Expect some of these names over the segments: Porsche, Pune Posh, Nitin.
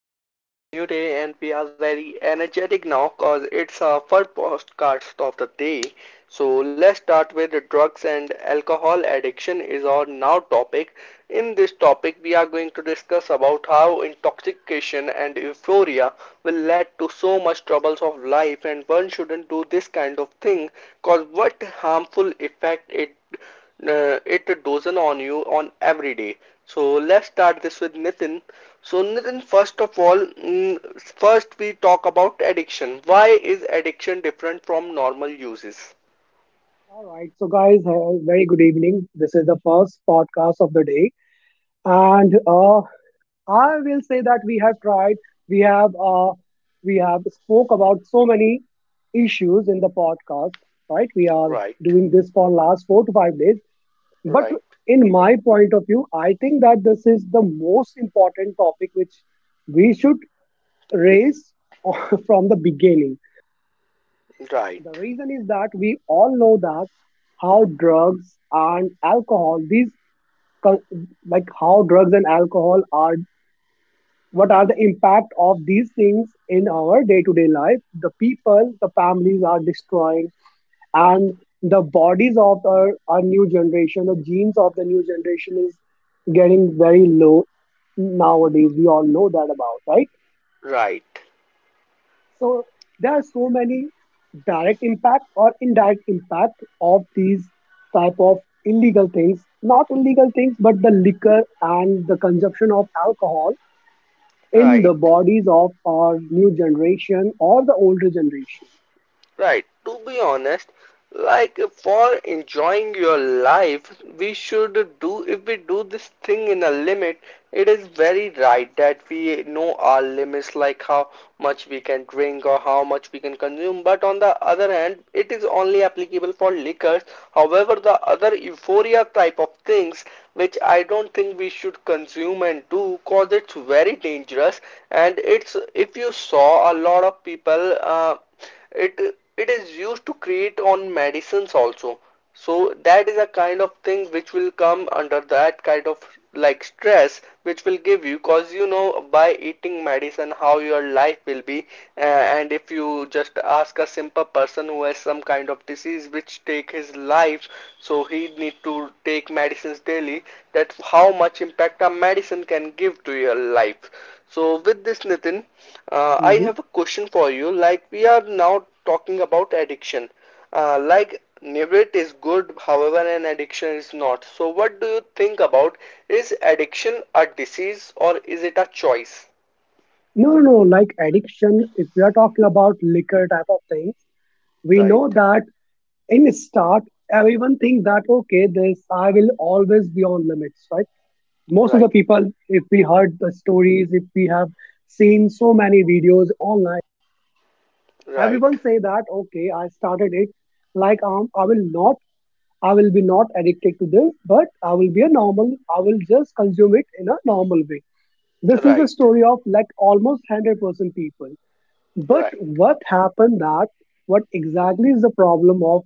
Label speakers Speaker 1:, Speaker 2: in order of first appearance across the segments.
Speaker 1: And today is new day, and we are very energetic now because it's our first podcast of the day. So, let's start with the drugs and alcohol addiction is our now topic. In this topic, we are going to discuss about how intoxication and euphoria will lead to so much troubles of life, and one shouldn't do this kind of thing because what harmful effect it dozen on you on every day. So let's start this with Nitin. So Nitin, first of all, mm, first we talk about addiction. Why is addiction different from normal uses?
Speaker 2: All right, so guys, very good evening. This is the first podcast of the day, and I will say that we have tried, we have, uh, we have spoke about so many issues in the podcast. Right, we are
Speaker 1: Right,
Speaker 2: doing this for last 4 to 5 days, but
Speaker 1: right,
Speaker 2: in my point of view, I think that this is the most important topic which we should raise from the beginning. The
Speaker 1: right,
Speaker 2: reason is that we all know that how drugs and alcohol, con- like how drugs and alcohol are, what are the impact of these things in our day to day life? The people, the families are destroying, and the bodies of our new generation, the genes of the new generation is getting very low nowadays. We all know that about, right?
Speaker 1: right,
Speaker 2: So there are so many direct impact or indirect impact of these type of illegal things, not illegal things, but the liquor and the consumption of alcohol in
Speaker 1: right,
Speaker 2: the bodies of our new generation or the older generation.
Speaker 1: right. To be honest, like for enjoying your life we should do if we do this thing in a limit, it is very right that we know our limits, like how much we can drink or how much we can consume, but on the other hand it is only applicable for liquors. However, the other euphoria type of things which I don't think we should consume and do, cause it's very dangerous. And it's if you saw a lot of people it is used to create on medicines also, so that is a kind of thing which will come under that kind of like stress which will give you cause you know by eating medicine how your life will be. And if you just ask a simple person who has some kind of disease which take his life, so he need to take medicines daily, that how much impact a medicine can give to your life. So with this, Nitin, I
Speaker 2: Mhm.
Speaker 1: have a question for you. Like we are now talking about addiction. Like Nivrit is good, however, an addiction is not. So what do you think about, is addiction a disease or is it a choice?
Speaker 2: No, no, no. Like addiction, if we are talking about liquor type of things, we
Speaker 1: Right,
Speaker 2: know that in start, everyone think that okay, this I will always be on limits, right? Most of the
Speaker 1: right,
Speaker 2: people, if we heard the stories, if we have seen so many videos online,
Speaker 1: right,
Speaker 2: everyone say that okay, I started it like, I will be not addicted to this, but I will be a normal, I will just consume it in a normal way. This is a
Speaker 1: right,
Speaker 2: story of like almost 100% people. But
Speaker 1: right,
Speaker 2: what happened that what exactly is the problem of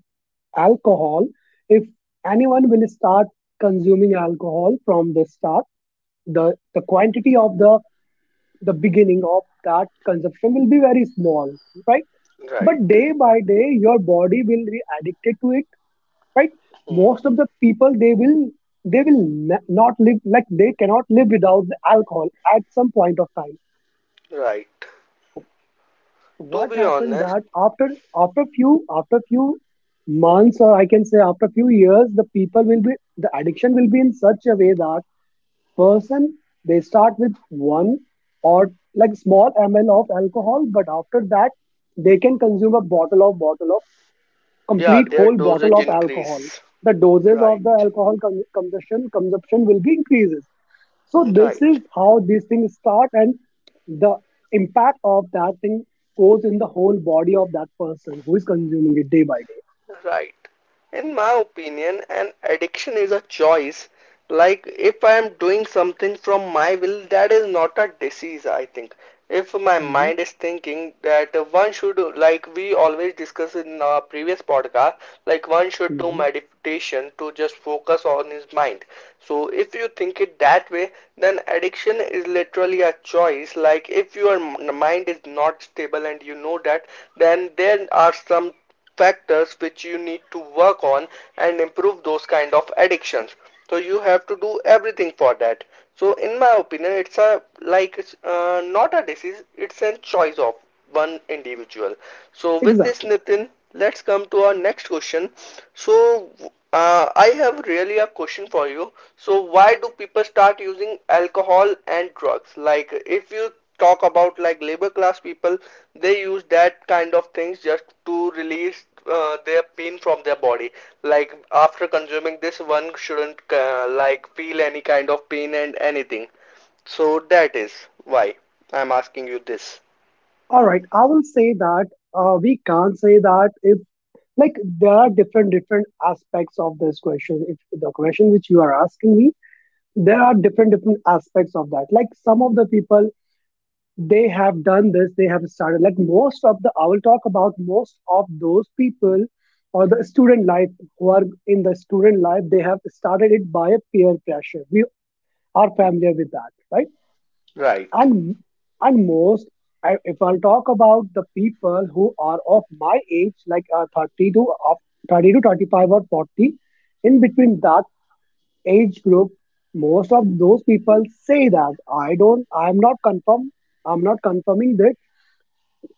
Speaker 2: alcohol? If anyone will start consuming alcohol from the start, the quantity of the beginning of that consumption will be very small, right?
Speaker 1: right,
Speaker 2: But day by day your body will be addicted to it, right?
Speaker 1: hmm,
Speaker 2: Most of the people, they will not live, like they cannot live without the alcohol at some point of time.
Speaker 1: right.
Speaker 2: So
Speaker 1: To
Speaker 2: what
Speaker 1: be
Speaker 2: happened
Speaker 1: honest,
Speaker 2: that after few months, or I can say after few years, the people will be the addiction will be in such a way that person. They start with one or like small ml of alcohol, but after that, they can consume a bottle of
Speaker 1: yeah,
Speaker 2: complete
Speaker 1: their
Speaker 2: whole bottle
Speaker 1: dosage
Speaker 2: of alcohol.
Speaker 1: increase.
Speaker 2: The doses
Speaker 1: Right,
Speaker 2: of the alcohol consumption will be increases. So this is
Speaker 1: right.
Speaker 2: how these things start, and the impact of that thing goes in the whole body of that person who is consuming it day by day.
Speaker 1: Right. In my opinion, an addiction is a choice. Like if I am doing something from my will, that is not a disease, I think. If my
Speaker 2: Mhm,
Speaker 1: mind is thinking that one should, like we always discuss in our previous podcast, like one should do
Speaker 2: mhm.
Speaker 1: meditation to just focus on his mind. So if you think it that way, then addiction is literally a choice. Like if your mind is not stable and you know that, then there are some factors which you need to work on and improve those kind of addictions, so you have to do everything for that. So in my opinion it's a like not a disease, it's a choice of one individual. So with this
Speaker 2: Exactly.
Speaker 1: Nitin, let's come to our next question. So I have really a question for you. So why do people start using alcohol and drugs? Like if you talk about like labor class people, they use that kind of things just to release their pain from their body. Like after consuming this one shouldn't like feel any kind of pain and anything, so that is why I'm asking you this.
Speaker 2: All right, I will say that we can't say that if, like, there are different different aspects of this question. If the question which you are asking me, there are different different aspects of that. Like some of the people they have done this, they have started. Like I will talk about most of those people or the student life who are in the student life. They have started it by a peer pressure. We are familiar with that, right?
Speaker 1: Right,
Speaker 2: and and if I'll talk about the people who are of my age like, 30 to 35 or 40, in between that age group, most of those people say that, I'm not confirming that,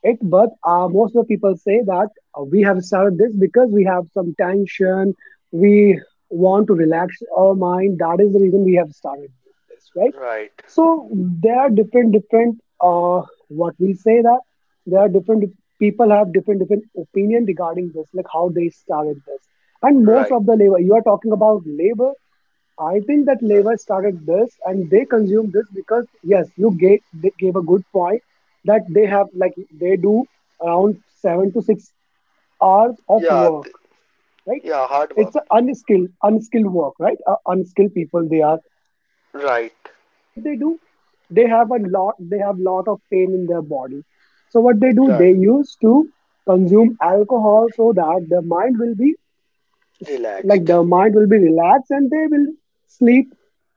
Speaker 2: it but, most of the people say that, we have started this because we have some tension, we want to relax our mind, that is the reason we have started this, right?
Speaker 1: right,
Speaker 2: So there are different different, uh what we say that, there are different people have different different opinion regarding this, like how they started this. And most
Speaker 1: right,
Speaker 2: of the labor, you are talking about labor, I think that
Speaker 1: right,
Speaker 2: Levi's started this and they consume this because yes, you gave they gave a good point that they have like they do around 7 to 6 hours of
Speaker 1: yeah
Speaker 2: work,
Speaker 1: th-
Speaker 2: right?
Speaker 1: yeah, hard
Speaker 2: It's
Speaker 1: work.
Speaker 2: a unskilled work, right? Unskilled people they are.
Speaker 1: Right,
Speaker 2: So what they do, they have a lot they have lot of pain in their body. So what they do, they
Speaker 1: right,
Speaker 2: used to consume alcohol so that their mind will be s- like
Speaker 1: relaxed,
Speaker 2: the mind will be relaxed and they will sleep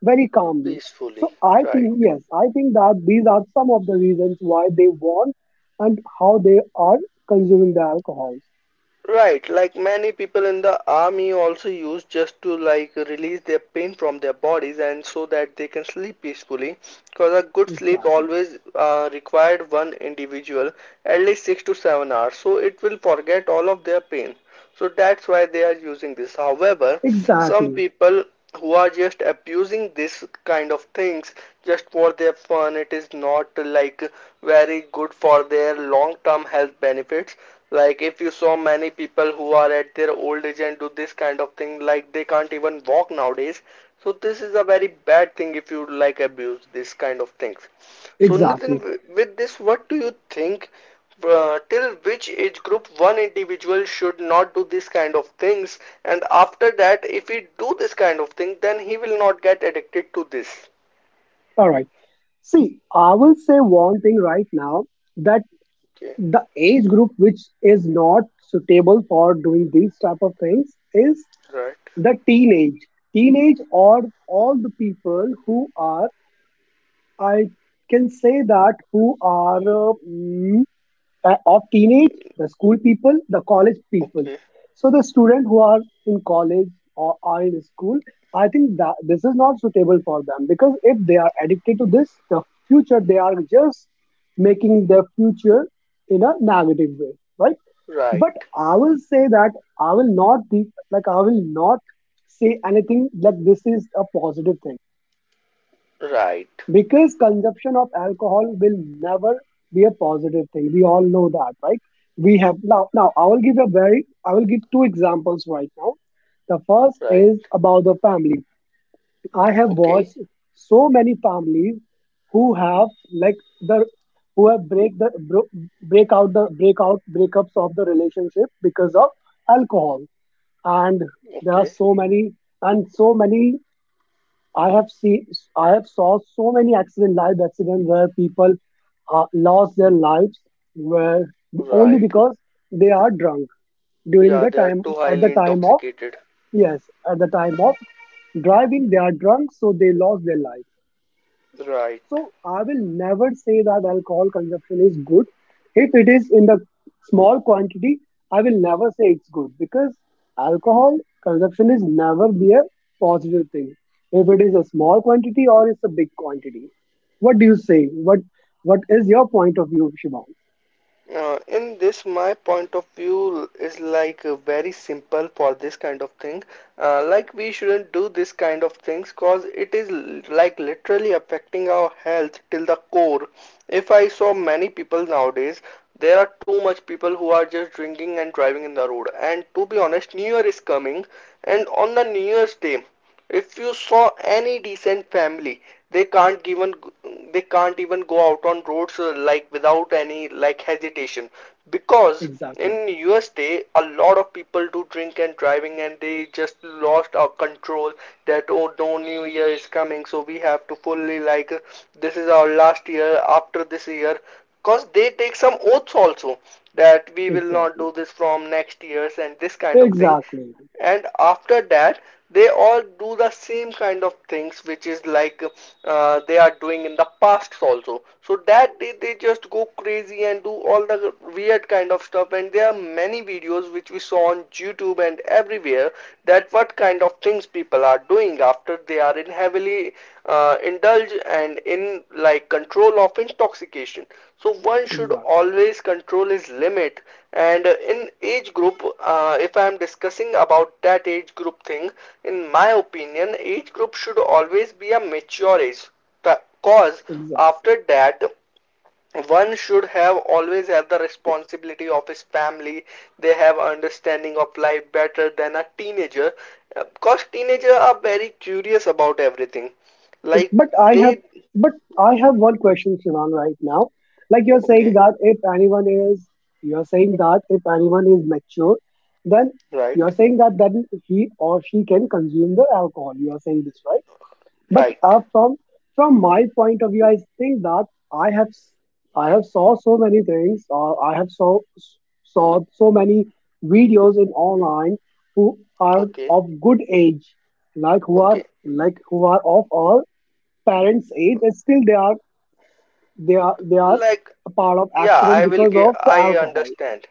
Speaker 2: very calmly. So
Speaker 1: peacefully,
Speaker 2: I
Speaker 1: right.
Speaker 2: think, yes, I think that these are some of the reasons why they want and how they are consuming the alcohols.
Speaker 1: Right, like many people in the army also use just to like release their pain from their bodies and so that they can sleep peacefully. Because a good sleep
Speaker 2: Exactly.
Speaker 1: always required one individual at least 6 to 7 hours, so it will forget all of their pain, so that's why they are using this. However, some
Speaker 2: Exactly.
Speaker 1: people who are just abusing this kind of things just for their fun, it is not like very good for their long term health benefits. Like if you saw many people who are at their old age and do this kind of thing, like they can't even walk nowadays. So this is a very bad thing if you like abuse this kind of things. So
Speaker 2: Exactly.
Speaker 1: Nitin, with this, what do you think? Till which age group one individual should not do this kind of things, and after that if he do this kind of thing then he will not get addicted to this?
Speaker 2: All right, see, I will say one thing right now, that
Speaker 1: Okay,
Speaker 2: the age group which is not suitable for doing these type of things is
Speaker 1: right,
Speaker 2: the teenage, or all the people who are I can say that who are, of teenage, the school people, the college people.
Speaker 1: okay,
Speaker 2: So the student who are in college or are in school, I think that this is not suitable for them because if they are addicted to this, they are just making their future in a negative way, right?
Speaker 1: right,
Speaker 2: But I will say that I will not be I will not say anything like this is a positive thing,
Speaker 1: right,
Speaker 2: because consumption of alcohol will never be a positive thing, we all know that, right? We have now, now I will give two examples right now. The first
Speaker 1: right,
Speaker 2: is about the family. I have
Speaker 1: okay,
Speaker 2: watched so many families who have, like the who have break the bro, breakups of the relationship because of alcohol. And there are
Speaker 1: okay,
Speaker 2: so many, and so many I have seen, I have saw so many live accident where people lost their lives, where only
Speaker 1: right
Speaker 2: because they are drunk during
Speaker 1: yeah
Speaker 2: the
Speaker 1: they are
Speaker 2: time,
Speaker 1: too
Speaker 2: at the
Speaker 1: highly
Speaker 2: time of
Speaker 1: intoxicated
Speaker 2: yes, at the time of driving they are drunk, so they lost their life.
Speaker 1: right
Speaker 2: So I will never say that alcohol consumption is good. If it is in the small quantity, I will never say it's good, because alcohol consumption is never be a positive thing, if it is a small quantity or it's a big quantity. What do you say? What is your point of view, Shibam?
Speaker 1: In this, my point of view is like very simple for this kind of thing. Like we shouldn't do this kind of things cause it is like literally affecting our health till the core. If I saw many people nowadays, there are too much people who are just drinking and driving in the road. And to be honest, New Year is coming, and on the New Year's day, if you saw any decent family, they can't even they can't even go out on roads like without any like hesitation because
Speaker 2: Exactly.
Speaker 1: in USA a lot of people do drink and driving and they just lost our control that oh no new year is coming so we have to fully like this is our last year after this year because they take some oaths also that we will not
Speaker 2: Exactly.
Speaker 1: do this from next years and this kind of thing
Speaker 2: Exactly.
Speaker 1: and after that they all do the same kind of things which is like they are doing in the past also so that day they just go crazy and do all the weird kind of stuff and there are many videos which we saw on youtube and everywhere that what kind of things people are doing after they are in heaven heavily indulge and in like control of intoxication. So one should
Speaker 2: Exactly.
Speaker 1: always control his limit. And in age group, if I am discussing about that age group thing, in my opinion, age group should always be a mature age. Cause
Speaker 2: Exactly.
Speaker 1: after that, one should have always have the responsibility of his family they have understanding of life better than a teenager because teenagers are very curious about everything like
Speaker 2: but I have
Speaker 1: they
Speaker 2: but I have one question, Shivan, right now. Like,
Speaker 1: okay
Speaker 2: you're saying that if anyone is mature, then, you're
Speaker 1: right
Speaker 2: saying that then he or she can consume the alcohol. You are saying this, right? But,
Speaker 1: right
Speaker 2: from my point of view, I think that I have s- I have saw so many things, or I have saw so many videos in online who are
Speaker 1: okay
Speaker 2: of good age, like who are
Speaker 1: okay
Speaker 2: like who are of our parents age, and still they are
Speaker 1: like,
Speaker 2: a part of
Speaker 1: yeah,
Speaker 2: accident
Speaker 1: I will
Speaker 2: because
Speaker 1: give,
Speaker 2: of the
Speaker 1: I
Speaker 2: alcohol.
Speaker 1: understand.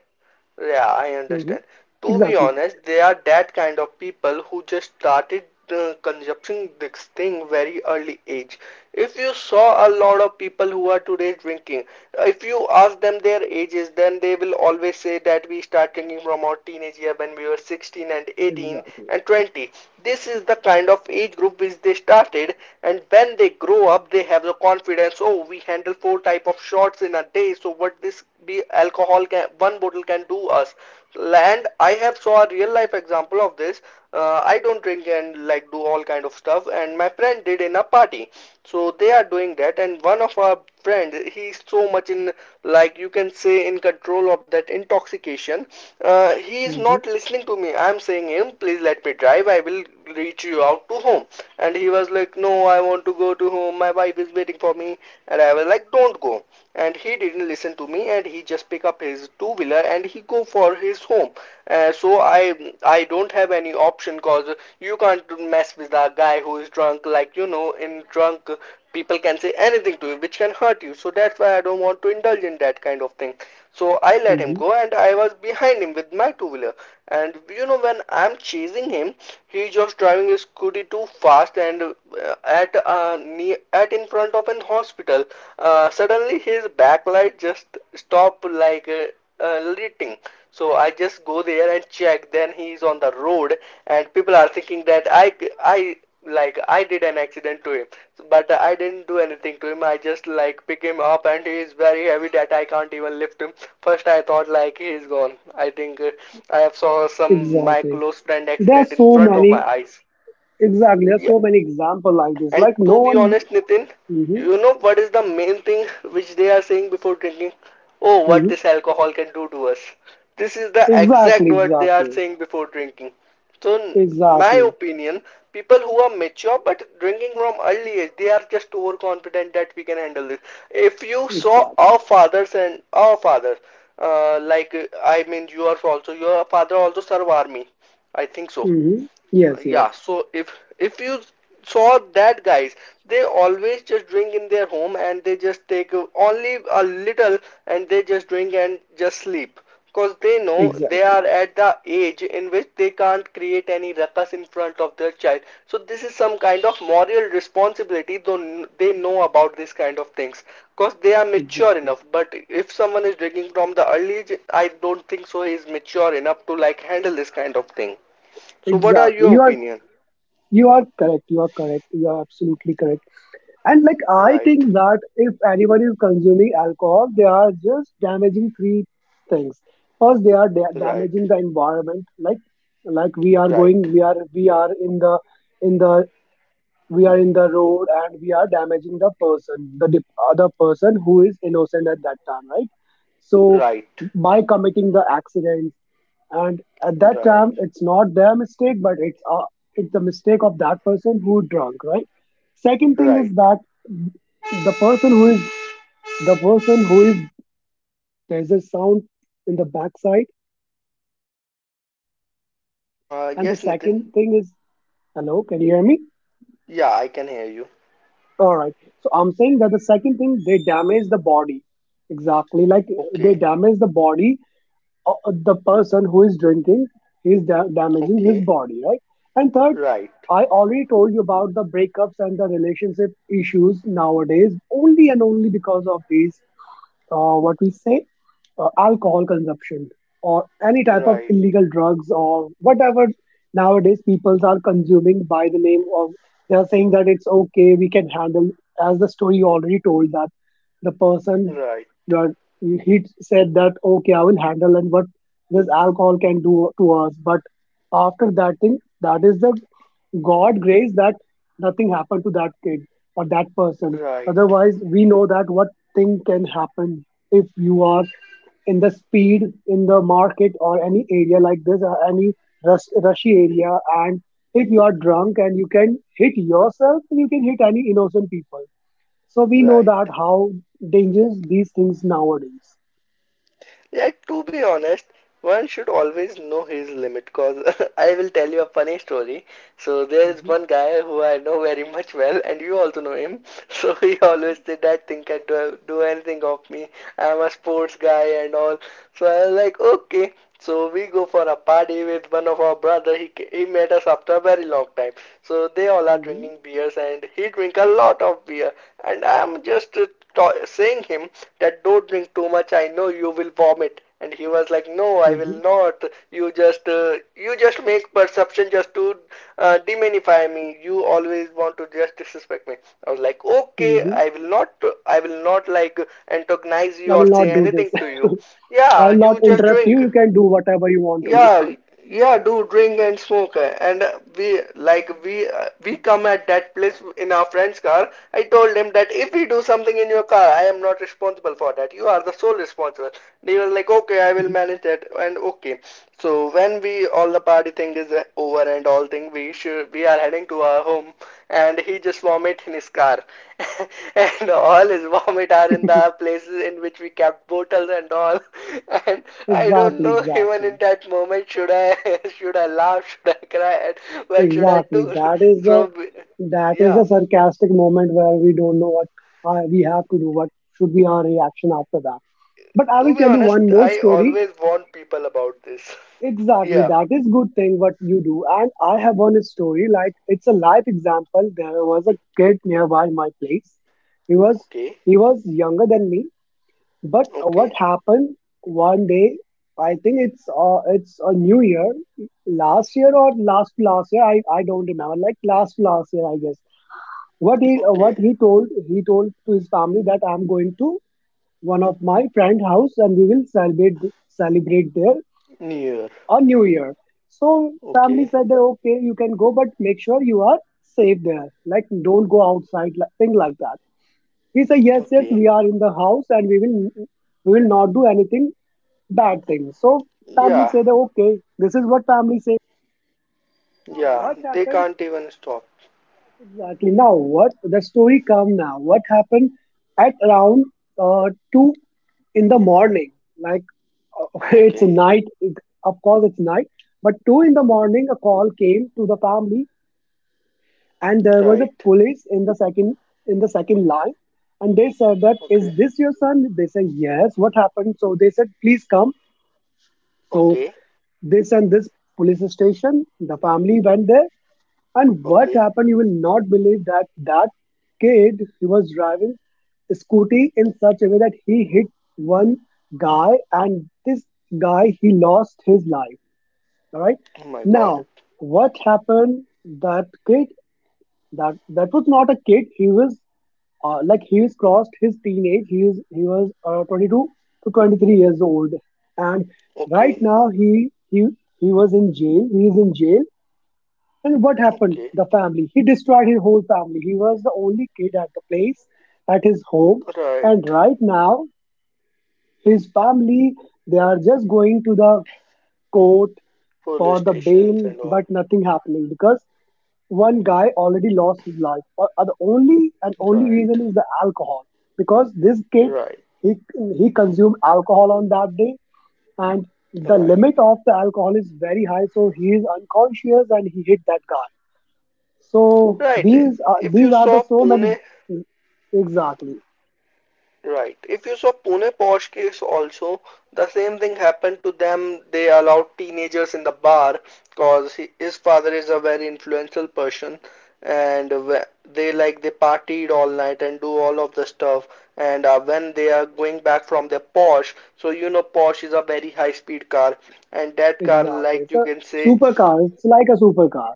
Speaker 1: Yeah, I
Speaker 2: Hmm.
Speaker 1: understand. To be
Speaker 2: Exactly.
Speaker 1: honest, they are that kind of people who just started consuming this thing very early age. If you saw a lot of people who are today drinking, if you ask them their ages, then they will always say that we start drinking from our teenage year when we were 16 and 18
Speaker 2: Exactly.
Speaker 1: and 20. This is the kind of age group which they started, and when they grow up, they have the confidence. Oh, we handle four type of shots in a day, so what this be alcohol can one bottle can do us. And I have saw a real life example of this. I don't drink and like do all kind of stuff, and my friend did in a party. So they are doing that, and one of our friend he's so much in like you can say in control of that intoxication. He is
Speaker 2: Hmm.
Speaker 1: not listening to me, I'm saying him please let me drive, I will reach you out to home. And he was like no, I want to go to home, my wife is waiting for me. And I was like don't go, and he didn't listen to me, and he just pick up his two wheeler and he go for his home. uh, so i I don't have any option, cause you can't mess with a guy who is drunk, like you know in drunk people can say anything to you which can hurt you, so that's why I don't want to indulge in that kind of thing. So I let him
Speaker 2: Hmm.
Speaker 1: go and I was behind him with my two wheeler. And you know when I'm chasing him, he just driving his scooty too fast and at a at in front of an hospital. Suddenly his backlight just stopped like lighting. So I just go there and check. Then he is on the road, and people are thinking that I like I did an accident to him, but I didn't do anything to him. I just like pick him up, and he is very heavy that I can't even lift him. First I thought like he is gone. I think I have saw some my
Speaker 2: Exactly,
Speaker 1: close friend
Speaker 2: there are
Speaker 1: accident in
Speaker 2: so
Speaker 1: front of my
Speaker 2: many.
Speaker 1: eyes.
Speaker 2: Exactly, there are
Speaker 1: Yeah,
Speaker 2: so many example like this,
Speaker 1: and
Speaker 2: like no
Speaker 1: to be
Speaker 2: one.
Speaker 1: honest, Nitin,
Speaker 2: Hmm. Hmm.
Speaker 1: you know what is the main thing which they are saying before drinking? Oh, what this alcohol can do to us. This is the exact
Speaker 2: Exactly.
Speaker 1: word they are
Speaker 2: Exactly.
Speaker 1: saying before drinking. So, in my
Speaker 2: Exactly.
Speaker 1: opinion, people who are mature but drinking from early age, they are just overconfident that we can handle this. If you saw
Speaker 2: Exactly.
Speaker 1: our fathers and our fathers, like I mean, yours also, your father also served army. I think so.
Speaker 2: Hmm. Yes, yes,
Speaker 1: Yeah so if you Saw that guys, they always just drink in their home and they just take only a little and they just drink and just sleep because they know they
Speaker 2: exactly.
Speaker 1: are at the age in which they can't create any ruckus in front of their child. So this is some kind of moral responsibility, though they know about this kind of things because they are mature
Speaker 2: Exactly.
Speaker 1: enough. But if someone is drinking from the early age, I don't think so he is mature enough to like handle this kind of thing. So what are
Speaker 2: Exactly.
Speaker 1: your opinion?
Speaker 2: You are correct, you are correct, you are absolutely correct. And like I
Speaker 1: Right,
Speaker 2: think that if anyone is consuming alcohol, they are just damaging three things. First, they are
Speaker 1: right,
Speaker 2: damaging the environment. Like,
Speaker 1: right,
Speaker 2: we are in the, in the we are in the road, and we are damaging the person, other person who is innocent at that time, right? So
Speaker 1: right,
Speaker 2: by committing the accident, and at that
Speaker 1: right,
Speaker 2: time it's not their mistake, but it's, it's the mistake of that person who drunk, right? Second thing is
Speaker 1: right.
Speaker 2: that, the person who is the person who is, there's a sound in the backside.
Speaker 1: Uh,
Speaker 2: And the
Speaker 1: yes, Nitin.
Speaker 2: second thing is, hello, can you hear me?
Speaker 1: Yeah, I can hear you.
Speaker 2: All right, so I'm saying that the second thing, they damage the body, exactly, like they
Speaker 1: Okay,
Speaker 2: damage the body, the person who is drinking is damaging his
Speaker 1: okay.
Speaker 2: body, right? And third,
Speaker 1: Right,
Speaker 2: I already told you about the breakups and the relationship issues nowadays, only and only because of these, what we say, alcohol consumption, or any type of
Speaker 1: right,
Speaker 2: illegal drugs or whatever nowadays people are consuming by the name of. They are saying that it's okay, we can handle, as the story already told that the person
Speaker 1: right,
Speaker 2: you are, he said that, okay, I will handle, and what this alcohol can do to us. But after that thing, that is the God grace that nothing happened to that kid or that person.
Speaker 1: right,
Speaker 2: Otherwise, we know that what thing can happen if you are in the speed in the market or any area like this, or any rushy area, and if you are drunk and you can hit yourself, and you can hit any innocent people. So we know
Speaker 1: right.
Speaker 2: that how dangerous these things nowadays.
Speaker 1: Yeah, to be honest, one should always know his limit because I will tell you a funny story. So there is
Speaker 2: Mhm,
Speaker 1: one guy who I know very much well, and you also know him. So he
Speaker 2: mhm,
Speaker 1: always said that thing can do anything of me. I'm a sports guy and all. So I was like, okay. So we go for a party with one of our brother. He met us after a very long time. So they all are
Speaker 2: mhm,
Speaker 1: drinking beers and he drink a lot of beer. And I'm just saying him that don't drink too much. I know you will vomit. And he was like, no, I will
Speaker 2: mhm,
Speaker 1: not. You just make perception just to demonify me. You always want to just disrespect me. I was like, okay,
Speaker 2: mhm.
Speaker 1: I will not. I will not like antagonize
Speaker 2: I
Speaker 1: you or
Speaker 2: will not
Speaker 1: say
Speaker 2: do this.
Speaker 1: anything to you.
Speaker 2: I
Speaker 1: Yeah,
Speaker 2: will not
Speaker 1: you just
Speaker 2: interrupt you.
Speaker 1: drink.
Speaker 2: You can do whatever you want to
Speaker 1: Yeah, yeah, do drink and smoke, and we like we come at that place in our friend's car. I told him that if we do something in your car, I am not responsible for that. You are the sole responsible. They were like, okay, I will
Speaker 2: do.
Speaker 1: manage that, and okay. So when we all the party thing is over and all thing. We are heading to our home, and he just vomit in his car, and all his vomit are in the places in which we kept bottles and all. And I don't
Speaker 2: Exactly,
Speaker 1: know even in
Speaker 2: exactly,
Speaker 1: that moment should I should I laugh, should I cry, what should I
Speaker 2: exactly.
Speaker 1: do? So
Speaker 2: That is
Speaker 1: yeah,
Speaker 2: the sarcastic moment where we don't know what we have to do. What should be our reaction after that? But I
Speaker 1: to
Speaker 2: will
Speaker 1: be
Speaker 2: tell you
Speaker 1: honest,
Speaker 2: one more
Speaker 1: I
Speaker 2: story.
Speaker 1: always warn people about this.
Speaker 2: Exactly,
Speaker 1: Yeah.
Speaker 2: that is good thing what you do. And I have one story like it's a live example. There was a kid nearby my place. He was
Speaker 1: Okay.
Speaker 2: he was younger than me, but what
Speaker 1: Okay.
Speaker 2: happened one day? I think it's a new year, last year or last last year. I don't remember. Like last last year, I guess.
Speaker 1: Okay.
Speaker 2: What he told He told to his family that I'm going to one of my friend house and we will celebrate there
Speaker 1: Near.
Speaker 2: a new year. So family
Speaker 1: Okay.
Speaker 2: said that okay, you can go, but make sure you are safe there. Like don't go outside, like thing like that. He said yes, yes,
Speaker 1: Okay.
Speaker 2: we are in the house and we will not do anything bad things. So family
Speaker 1: Yeah.
Speaker 2: say that okay, this is what family say. Now
Speaker 1: Yeah,
Speaker 2: what
Speaker 1: they
Speaker 2: happened
Speaker 1: can't even stop.
Speaker 2: exactly? Now what the story come now? What happened at around two in the morning? Like it's
Speaker 1: Okay,
Speaker 2: night. Of course it's night, but two in the morning a call came to the family, and there was a
Speaker 1: right.
Speaker 2: police in the second line. And they said that
Speaker 1: Okay,
Speaker 2: is this your son? They say yes. What happened? So they said please come. So
Speaker 1: okay,
Speaker 2: this and this police station. The family went there, and what
Speaker 1: okay.
Speaker 2: happened? You will not believe that kid he was driving a scooty in such a way that he hit one guy, and this guy he lost his life. All right.
Speaker 1: Oh my god.
Speaker 2: Now, what happened? That kid, that was not a kid. He was like he's crossed his teenage. He was 22 to 23 years old, and right
Speaker 1: Okay,
Speaker 2: now he was in jail. He is in jail. And what happened?
Speaker 1: okay.
Speaker 2: The family. He destroyed his whole family. He was the only kid at the place, at his home, and
Speaker 1: Right.
Speaker 2: right now his family they are just going to the court
Speaker 1: Police
Speaker 2: for the
Speaker 1: stations
Speaker 2: bail,
Speaker 1: and all.
Speaker 2: but nothing happening because one guy already lost his life. Or The only and only
Speaker 1: Right,
Speaker 2: reason is the alcohol, because this kid
Speaker 1: right,
Speaker 2: he he consumed alcohol on that day, and the
Speaker 1: right,
Speaker 2: limit of the alcohol is very high, so he is unconscious and he hit that guy. So
Speaker 1: right. If
Speaker 2: these
Speaker 1: you
Speaker 2: are the
Speaker 1: saw
Speaker 2: so many.
Speaker 1: Pune
Speaker 2: Exactly,
Speaker 1: Right. If you saw Pune Posh case also, the same thing happened to them. They allowed teenagers in the bar because his father is a very influential person and they like they partied all night and do all of the stuff. And when they are going back from their Porsche, so you know Porsche is a very high speed car and that car,
Speaker 2: exactly.
Speaker 1: like
Speaker 2: It's
Speaker 1: you
Speaker 2: a
Speaker 1: can say,
Speaker 2: supercar. It's like a supercar.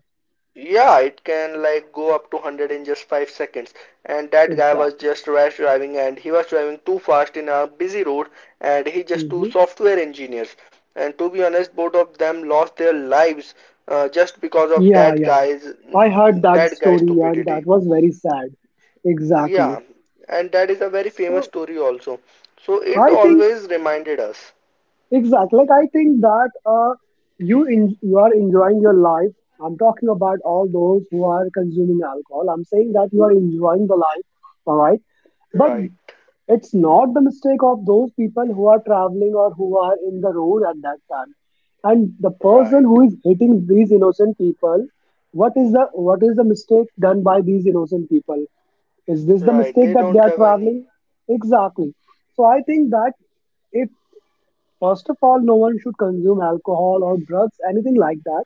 Speaker 1: yeah, it can like go up to 100 in just 5 seconds. And that guy was
Speaker 2: Exactly.
Speaker 1: just rash driving and he was driving too fast in a busy road, and he just two
Speaker 2: Hmm.
Speaker 1: software engineers. And to be honest, both of them lost their lives just because of
Speaker 2: Yeah,
Speaker 1: that
Speaker 2: yeah.
Speaker 1: guy's
Speaker 2: I heard that
Speaker 1: that guy's
Speaker 2: story and that
Speaker 1: stupidity.
Speaker 2: was very sad. Exactly.
Speaker 1: Yeah, and that is a very famous
Speaker 2: So
Speaker 1: story also. So it
Speaker 2: I think
Speaker 1: always reminded us.
Speaker 2: exactly. Like I think that you are enjoying your life. I'm talking about all those who are consuming alcohol. I'm saying that you are enjoying the life, all right. But
Speaker 1: Right,
Speaker 2: it's not the mistake of those people who are traveling or who are in the road at that time. And the person
Speaker 1: right,
Speaker 2: who is hitting these innocent people, what is the mistake done by these innocent people? Is this the
Speaker 1: right.
Speaker 2: mistake
Speaker 1: They
Speaker 2: that they
Speaker 1: don't
Speaker 2: are
Speaker 1: have any
Speaker 2: traveling? Exactly. So I think that if, first of all, no one should consume alcohol or drugs, anything like that.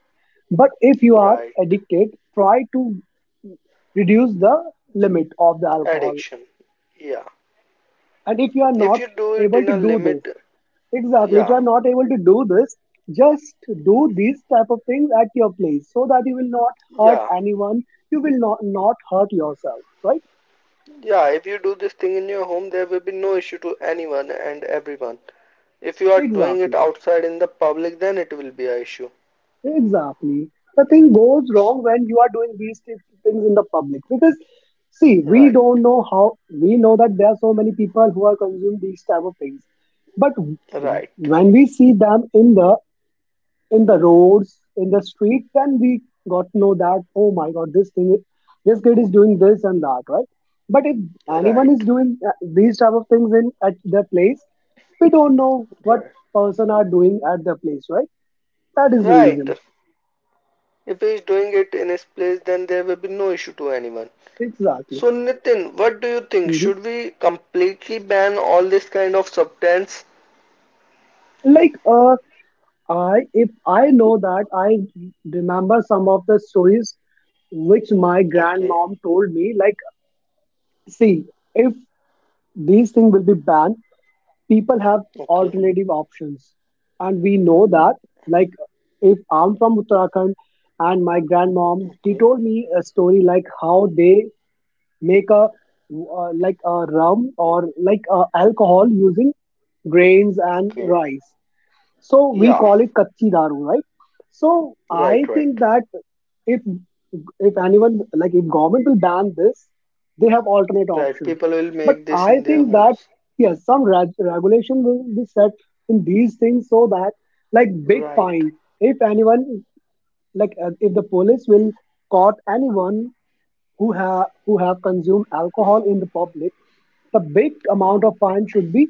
Speaker 2: But if you are
Speaker 1: right.
Speaker 2: addicted, try to reduce the
Speaker 1: J-
Speaker 2: limit of the alcohol.
Speaker 1: addiction. Yeah.
Speaker 2: And if you are
Speaker 1: If
Speaker 2: not
Speaker 1: you do it
Speaker 2: able
Speaker 1: in
Speaker 2: to
Speaker 1: a
Speaker 2: do this,
Speaker 1: limit,
Speaker 2: exactly, if you
Speaker 1: yeah,
Speaker 2: are not able to do this, just do these type of things at your place so that you will not hurt
Speaker 1: yeah,
Speaker 2: anyone. You will not, not hurt yourself, right?
Speaker 1: yeah. If you do this thing in your home, there will be no issue to anyone and everyone. If you are doing it
Speaker 2: Exactly.
Speaker 1: outside in the public, then it will be a issue.
Speaker 2: Exactly. The thing goes wrong when you are doing things in the public because see, we
Speaker 1: Right,
Speaker 2: don't know how. We know that there are so many people who are consuming these type of things, but
Speaker 1: right,
Speaker 2: when we see them in the roads in the street, then we got to know that oh my god, this thing, this kid is doing this and that, right? But if anyone is
Speaker 1: right,
Speaker 2: doing these type of things in at their place, we don't know what
Speaker 1: right,
Speaker 2: person are doing at their place, right? That is the
Speaker 1: right.
Speaker 2: reason.
Speaker 1: If he is doing it in his place, then there will be no issue to anyone.
Speaker 2: Exactly.
Speaker 1: So, Nitin, what do you think?
Speaker 2: Mhm.
Speaker 1: Should we completely ban all this kind of substance?
Speaker 2: Like, uh, I if I know that I remember some of the stories which my
Speaker 1: Okay,
Speaker 2: grandmom told me. Like, see, if these things will be banned, people have
Speaker 1: okay,
Speaker 2: alternative options, and we know that. Like, if I'm from Uttarakhand, and my grandmom, he
Speaker 1: okay,
Speaker 2: told me a story like how they make a like a rum or like alcohol using grains and
Speaker 1: okay.
Speaker 2: rice. So we
Speaker 1: Yeah,
Speaker 2: call it kachi daru, right? So
Speaker 1: right,
Speaker 2: I
Speaker 1: right.
Speaker 2: think that if if anyone like if government will ban this, they have alternate
Speaker 1: Right,
Speaker 2: options.
Speaker 1: people will
Speaker 2: But
Speaker 1: make this
Speaker 2: I
Speaker 1: in their
Speaker 2: think that
Speaker 1: homes.
Speaker 2: yes, some regulation will be set in these things so that like big
Speaker 1: Right,
Speaker 2: fine if anyone like if the police will caught anyone who have consumed alcohol in the public, the big amount of fine should be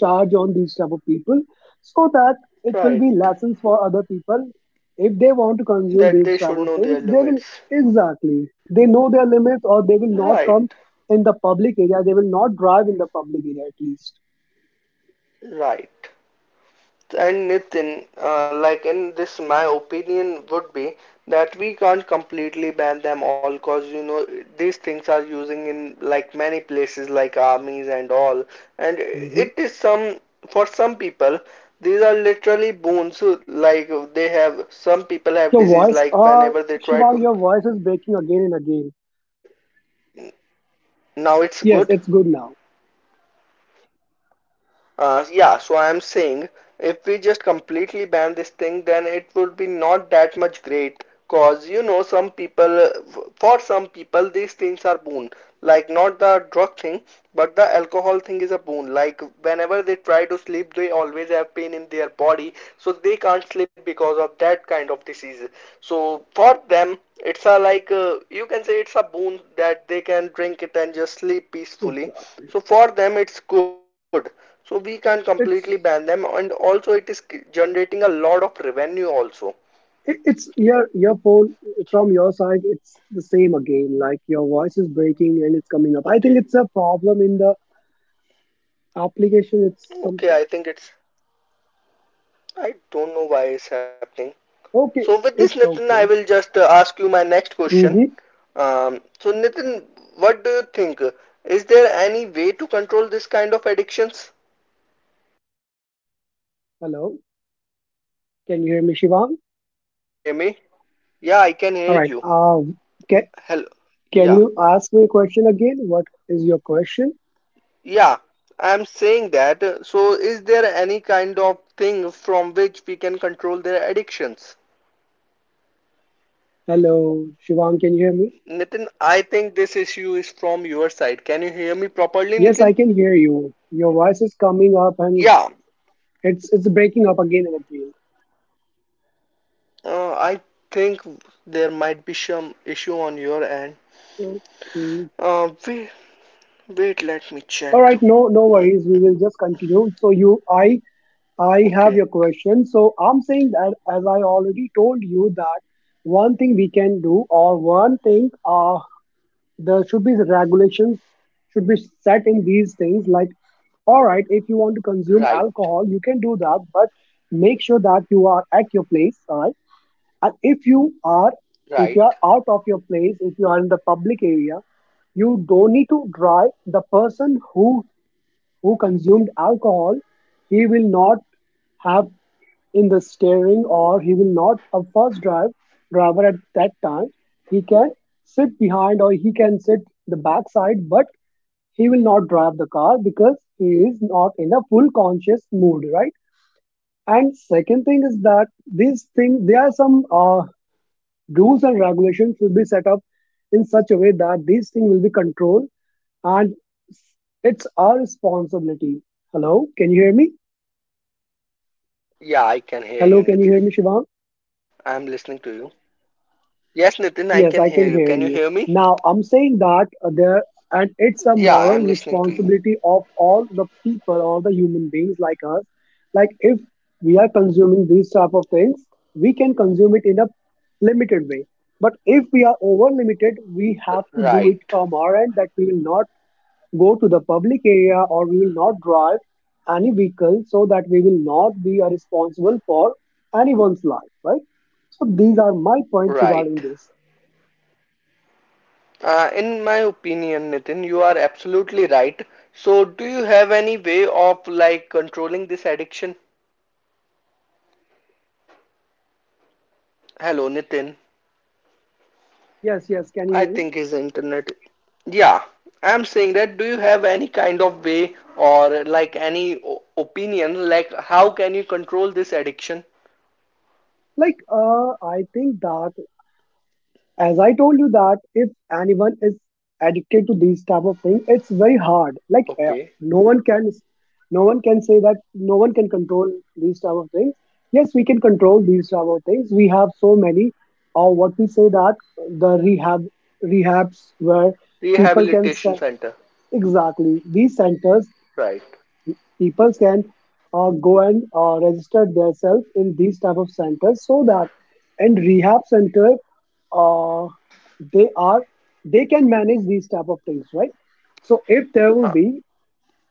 Speaker 2: charged on these type of people so that it will be
Speaker 1: right.
Speaker 2: lessons for other people if they want to consume these
Speaker 1: That they
Speaker 2: type of
Speaker 1: should
Speaker 2: things
Speaker 1: know
Speaker 2: they
Speaker 1: their
Speaker 2: will.
Speaker 1: limits.
Speaker 2: Exactly, they know their limits or they will
Speaker 1: Right,
Speaker 2: not come in the public area, they will not drive in the public area at least.
Speaker 1: right. And Nitin, like in this, my opinion would be that we can't completely ban them all because you know these things are using in like many places like armies and all. And
Speaker 2: Mhm.
Speaker 1: it is some for some people these are literally boons. Like they have some people have
Speaker 2: Your
Speaker 1: disease
Speaker 2: voice,
Speaker 1: like whenever they try to
Speaker 2: Shivang, your voice is breaking again and again.
Speaker 1: now it's good.
Speaker 2: Yes, it's good now.
Speaker 1: Yeah, so I'm saying if we just completely ban this thing, then it would be not that much great. Cause you know, some people, for some people, these things are boon. Like not the drug thing, but the alcohol thing is a boon. Like whenever they try to sleep, they always have pain in their body, so they can't sleep because of that kind of disease. So for them, it's a like you can say it's a boon that they can drink it and just sleep peacefully.
Speaker 2: Exactly.
Speaker 1: So for them, it's good. So we can completely ban them
Speaker 2: It's
Speaker 1: and also it is generating a lot of revenue also.
Speaker 2: it's your phone from your side. It's the same again. Like your voice is breaking and it's coming up. I
Speaker 1: Okay.
Speaker 2: think it's a problem in the application. It's
Speaker 1: Okay,
Speaker 2: something.
Speaker 1: I think it's I don't know why it's happening. So
Speaker 2: Okay,
Speaker 1: with this
Speaker 2: it's
Speaker 1: Nitin, I
Speaker 2: okay.
Speaker 1: will just ask you my next question.
Speaker 2: Mm-hmm.
Speaker 1: So Nitin, what do you think? Is there any way to control this kind of addictions?
Speaker 2: Hello, can you hear me, Shivang?
Speaker 1: Hello, Nitin, can you hear me? Yeah, I can hear
Speaker 2: All right.
Speaker 1: you.
Speaker 2: Can
Speaker 1: Hello.
Speaker 2: can
Speaker 1: Yeah.
Speaker 2: you ask me a question again? What is your question?
Speaker 1: Yeah, I'm saying that. So, is there any kind of thing from which we can control their addictions?
Speaker 2: Hello, Shivang. Can you hear me?
Speaker 1: Nitin, I think this issue is from your side. Can you hear me properly,
Speaker 2: Yes, I
Speaker 1: Nitin?
Speaker 2: can hear you. Your voice is coming up and
Speaker 1: Yeah,
Speaker 2: it's breaking up again and again.
Speaker 1: I think there might be some issue on your end.
Speaker 2: Okay.
Speaker 1: Uh, wait, wait, let me
Speaker 2: All
Speaker 1: check.
Speaker 2: right, no no
Speaker 1: Mm,
Speaker 2: worries. We will just continue. So you I have
Speaker 1: okay,
Speaker 2: your question. So I'm saying that as I already told you that one thing we can do or one thing there should be regulations should be set in these things. Like all right, if you want to
Speaker 1: right,
Speaker 2: consume alcohol, you can do that, but make sure that you are at your place, all right? And if
Speaker 1: right,
Speaker 2: you are out of your place, if you are in the public area, you don't need to drive. The person who consumed alcohol, he will not have in the steering or he will not a first drive driver at that time. He can sit behind or he can sit the backside, but he will not drive the car because he is not in a full conscious mood, right? And second thing is that these things, there are some rules and regulations will be set up in such a way that these things will be controlled, and it's our responsibility. Hello, can you hear me?
Speaker 1: right. Yeah, I can hear you,
Speaker 2: Hello,
Speaker 1: Nitin.
Speaker 2: can you hear me,
Speaker 1: I'm
Speaker 2: Shivam?
Speaker 1: listening to you. Yes, Nitin, I can hear you. Can you
Speaker 2: Yes,
Speaker 1: hear
Speaker 2: I
Speaker 1: me?
Speaker 2: can hear you. Now, I'm saying that
Speaker 1: Yeah, I'm listening
Speaker 2: and
Speaker 1: to you.
Speaker 2: it's a moral responsibility of all the people, all the human beings like us. Like, if we are consuming these type of things, we can consume it in a limited way. But if we are over limited, we have
Speaker 1: Right,
Speaker 2: to do it from our end that we will not go to the public area, or we will not drive any vehicle so that we will not be responsible for anyone's life, right? So these are my points
Speaker 1: right.
Speaker 2: regarding this.
Speaker 1: In my opinion, Nitin, you are absolutely right. So, do you have any way of like controlling this addiction? Hello, Nitin.
Speaker 2: Yes, yes, can you
Speaker 1: I
Speaker 2: hear me?
Speaker 1: think his internet. Yeah, I'm saying that. Do you have any kind of way or like any opinion, like how can you control this addiction?
Speaker 2: I think that as I told you that if anyone is addicted to these type of thing it's very hard, like
Speaker 1: Okay,
Speaker 2: no one can no one can say that no one can control these type of things. Yes, we can control these type of things. We have so many, or what we say, that the rehabs where people can
Speaker 1: rehabilitation center.
Speaker 2: exactly these centers,
Speaker 1: Right.
Speaker 2: people can go and register themselves in these type of centers so that and rehab center uh, they are they can manage these type of things, right? So if there will
Speaker 1: Huh.
Speaker 2: be,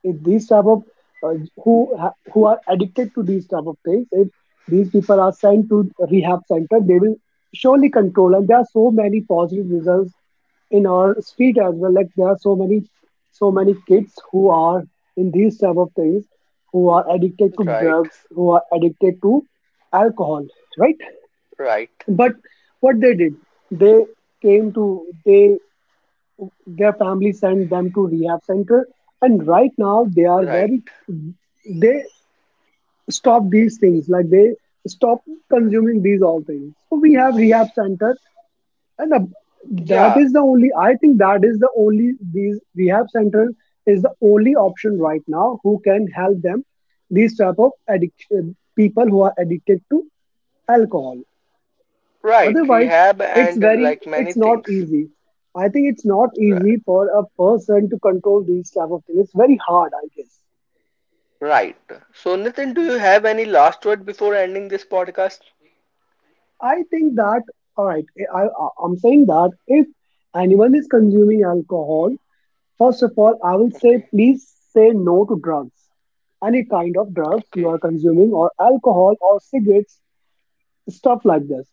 Speaker 2: if these type of uh, who are addicted to these type of things, if these people are sent to rehab center, they will surely control, and there are so many positive results in our street as well. Like there are so many, so many kids who are in these type of things, who are addicted to
Speaker 1: Right,
Speaker 2: drugs, who are addicted to alcohol, right?
Speaker 1: right,
Speaker 2: But what they did, they came to, they their family sent them to rehab center, and right now they are
Speaker 1: right.
Speaker 2: very. They stop these things. Like they stop consuming these all things. So we have rehab center, and that
Speaker 1: Yeah,
Speaker 2: is the only. I think that is the only, these rehab center is the only option right now who can help them. These type of addiction, people who are addicted to alcohol.
Speaker 1: right,
Speaker 2: Otherwise,
Speaker 1: rehab and like many
Speaker 2: it's not
Speaker 1: things.
Speaker 2: easy. I think it's not
Speaker 1: Ri-
Speaker 2: easy for a person to control these type of things. It's very hard, I guess.
Speaker 1: Right. So, Nitin, do you have any last word before ending this podcast?
Speaker 2: I think that all right. I I'm saying that if anyone is consuming alcohol, first of all, I will say
Speaker 1: Okay.
Speaker 2: please say no to drugs. Any kind of drugs you are
Speaker 1: Okay.
Speaker 2: consuming, or alcohol, or cigarettes, stuff like this.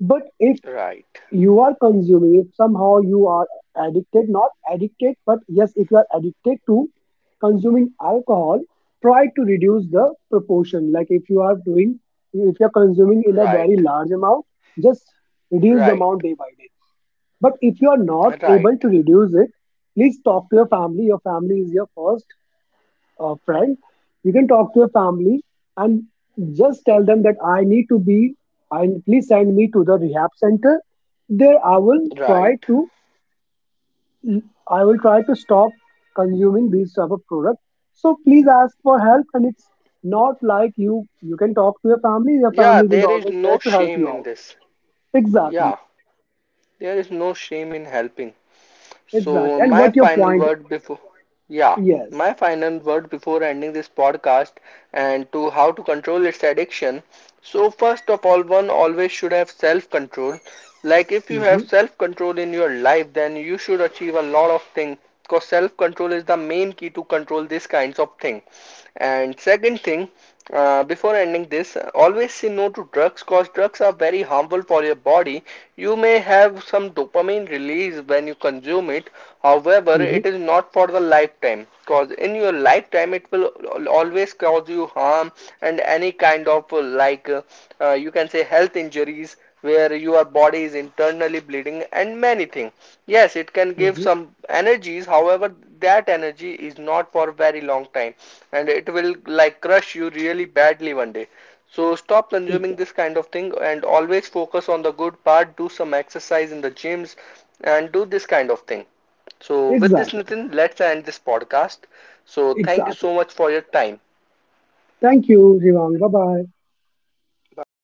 Speaker 2: But if
Speaker 1: Right.
Speaker 2: you are consuming, if somehow you are addicted, not addicted, but yes, if you are addicted to consuming alcohol, try to reduce the proportion. Like if you are doing, if you are consuming in a
Speaker 1: Right.
Speaker 2: very large amount, just reduce the
Speaker 1: Right.
Speaker 2: amount day by day. But if you are not able
Speaker 1: Right.
Speaker 2: to reduce it, please talk to your family. Your family is your first friend. You can talk to your family and just tell them that I need to be, I, please send me to the rehab center. There I will try
Speaker 1: Right.
Speaker 2: to, I will try to stop consuming these type of products. So please ask for help. And it's not like you can talk to your family. Your
Speaker 1: Yeah,
Speaker 2: family will
Speaker 1: there is
Speaker 2: always there
Speaker 1: no
Speaker 2: to help
Speaker 1: shame
Speaker 2: you
Speaker 1: in
Speaker 2: out.
Speaker 1: this.
Speaker 2: Exactly.
Speaker 1: Yeah, there is no shame in helping.
Speaker 2: Exactly.
Speaker 1: So
Speaker 2: And
Speaker 1: my
Speaker 2: what your
Speaker 1: final
Speaker 2: point?
Speaker 1: word before yeah,
Speaker 2: Yes.
Speaker 1: my final word before ending this podcast and to how to control its addiction. So first of all, one always should have self-control. Like if you have
Speaker 2: Mm-hmm,
Speaker 1: self-control in your life, then you should achieve a lot of things because self-control is the main key to control these kinds of thing. And second thing, before ending this, always say no to drugs because drugs are very harmful for your body. You may have some dopamine release when you consume it, however
Speaker 2: mm-hmm,
Speaker 1: it is not for the lifetime because in your lifetime it will always cause you harm and any kind of you can say health injuries where your body is internally bleeding and many things. Yes, it can give
Speaker 2: mm-hmm.
Speaker 1: some energies, however that energy is not for a very long time and it will like crush you really badly one day. So stop consuming
Speaker 2: Exactly,
Speaker 1: this kind of thing and always focus on the good part, do some exercise in the gyms and do this kind of thing. So with this
Speaker 2: exactly,
Speaker 1: Nitin, let's end this podcast. So thank you
Speaker 2: exactly.
Speaker 1: so much for your time.
Speaker 2: Thank you, Jivang. Bye bye.
Speaker 1: Bye.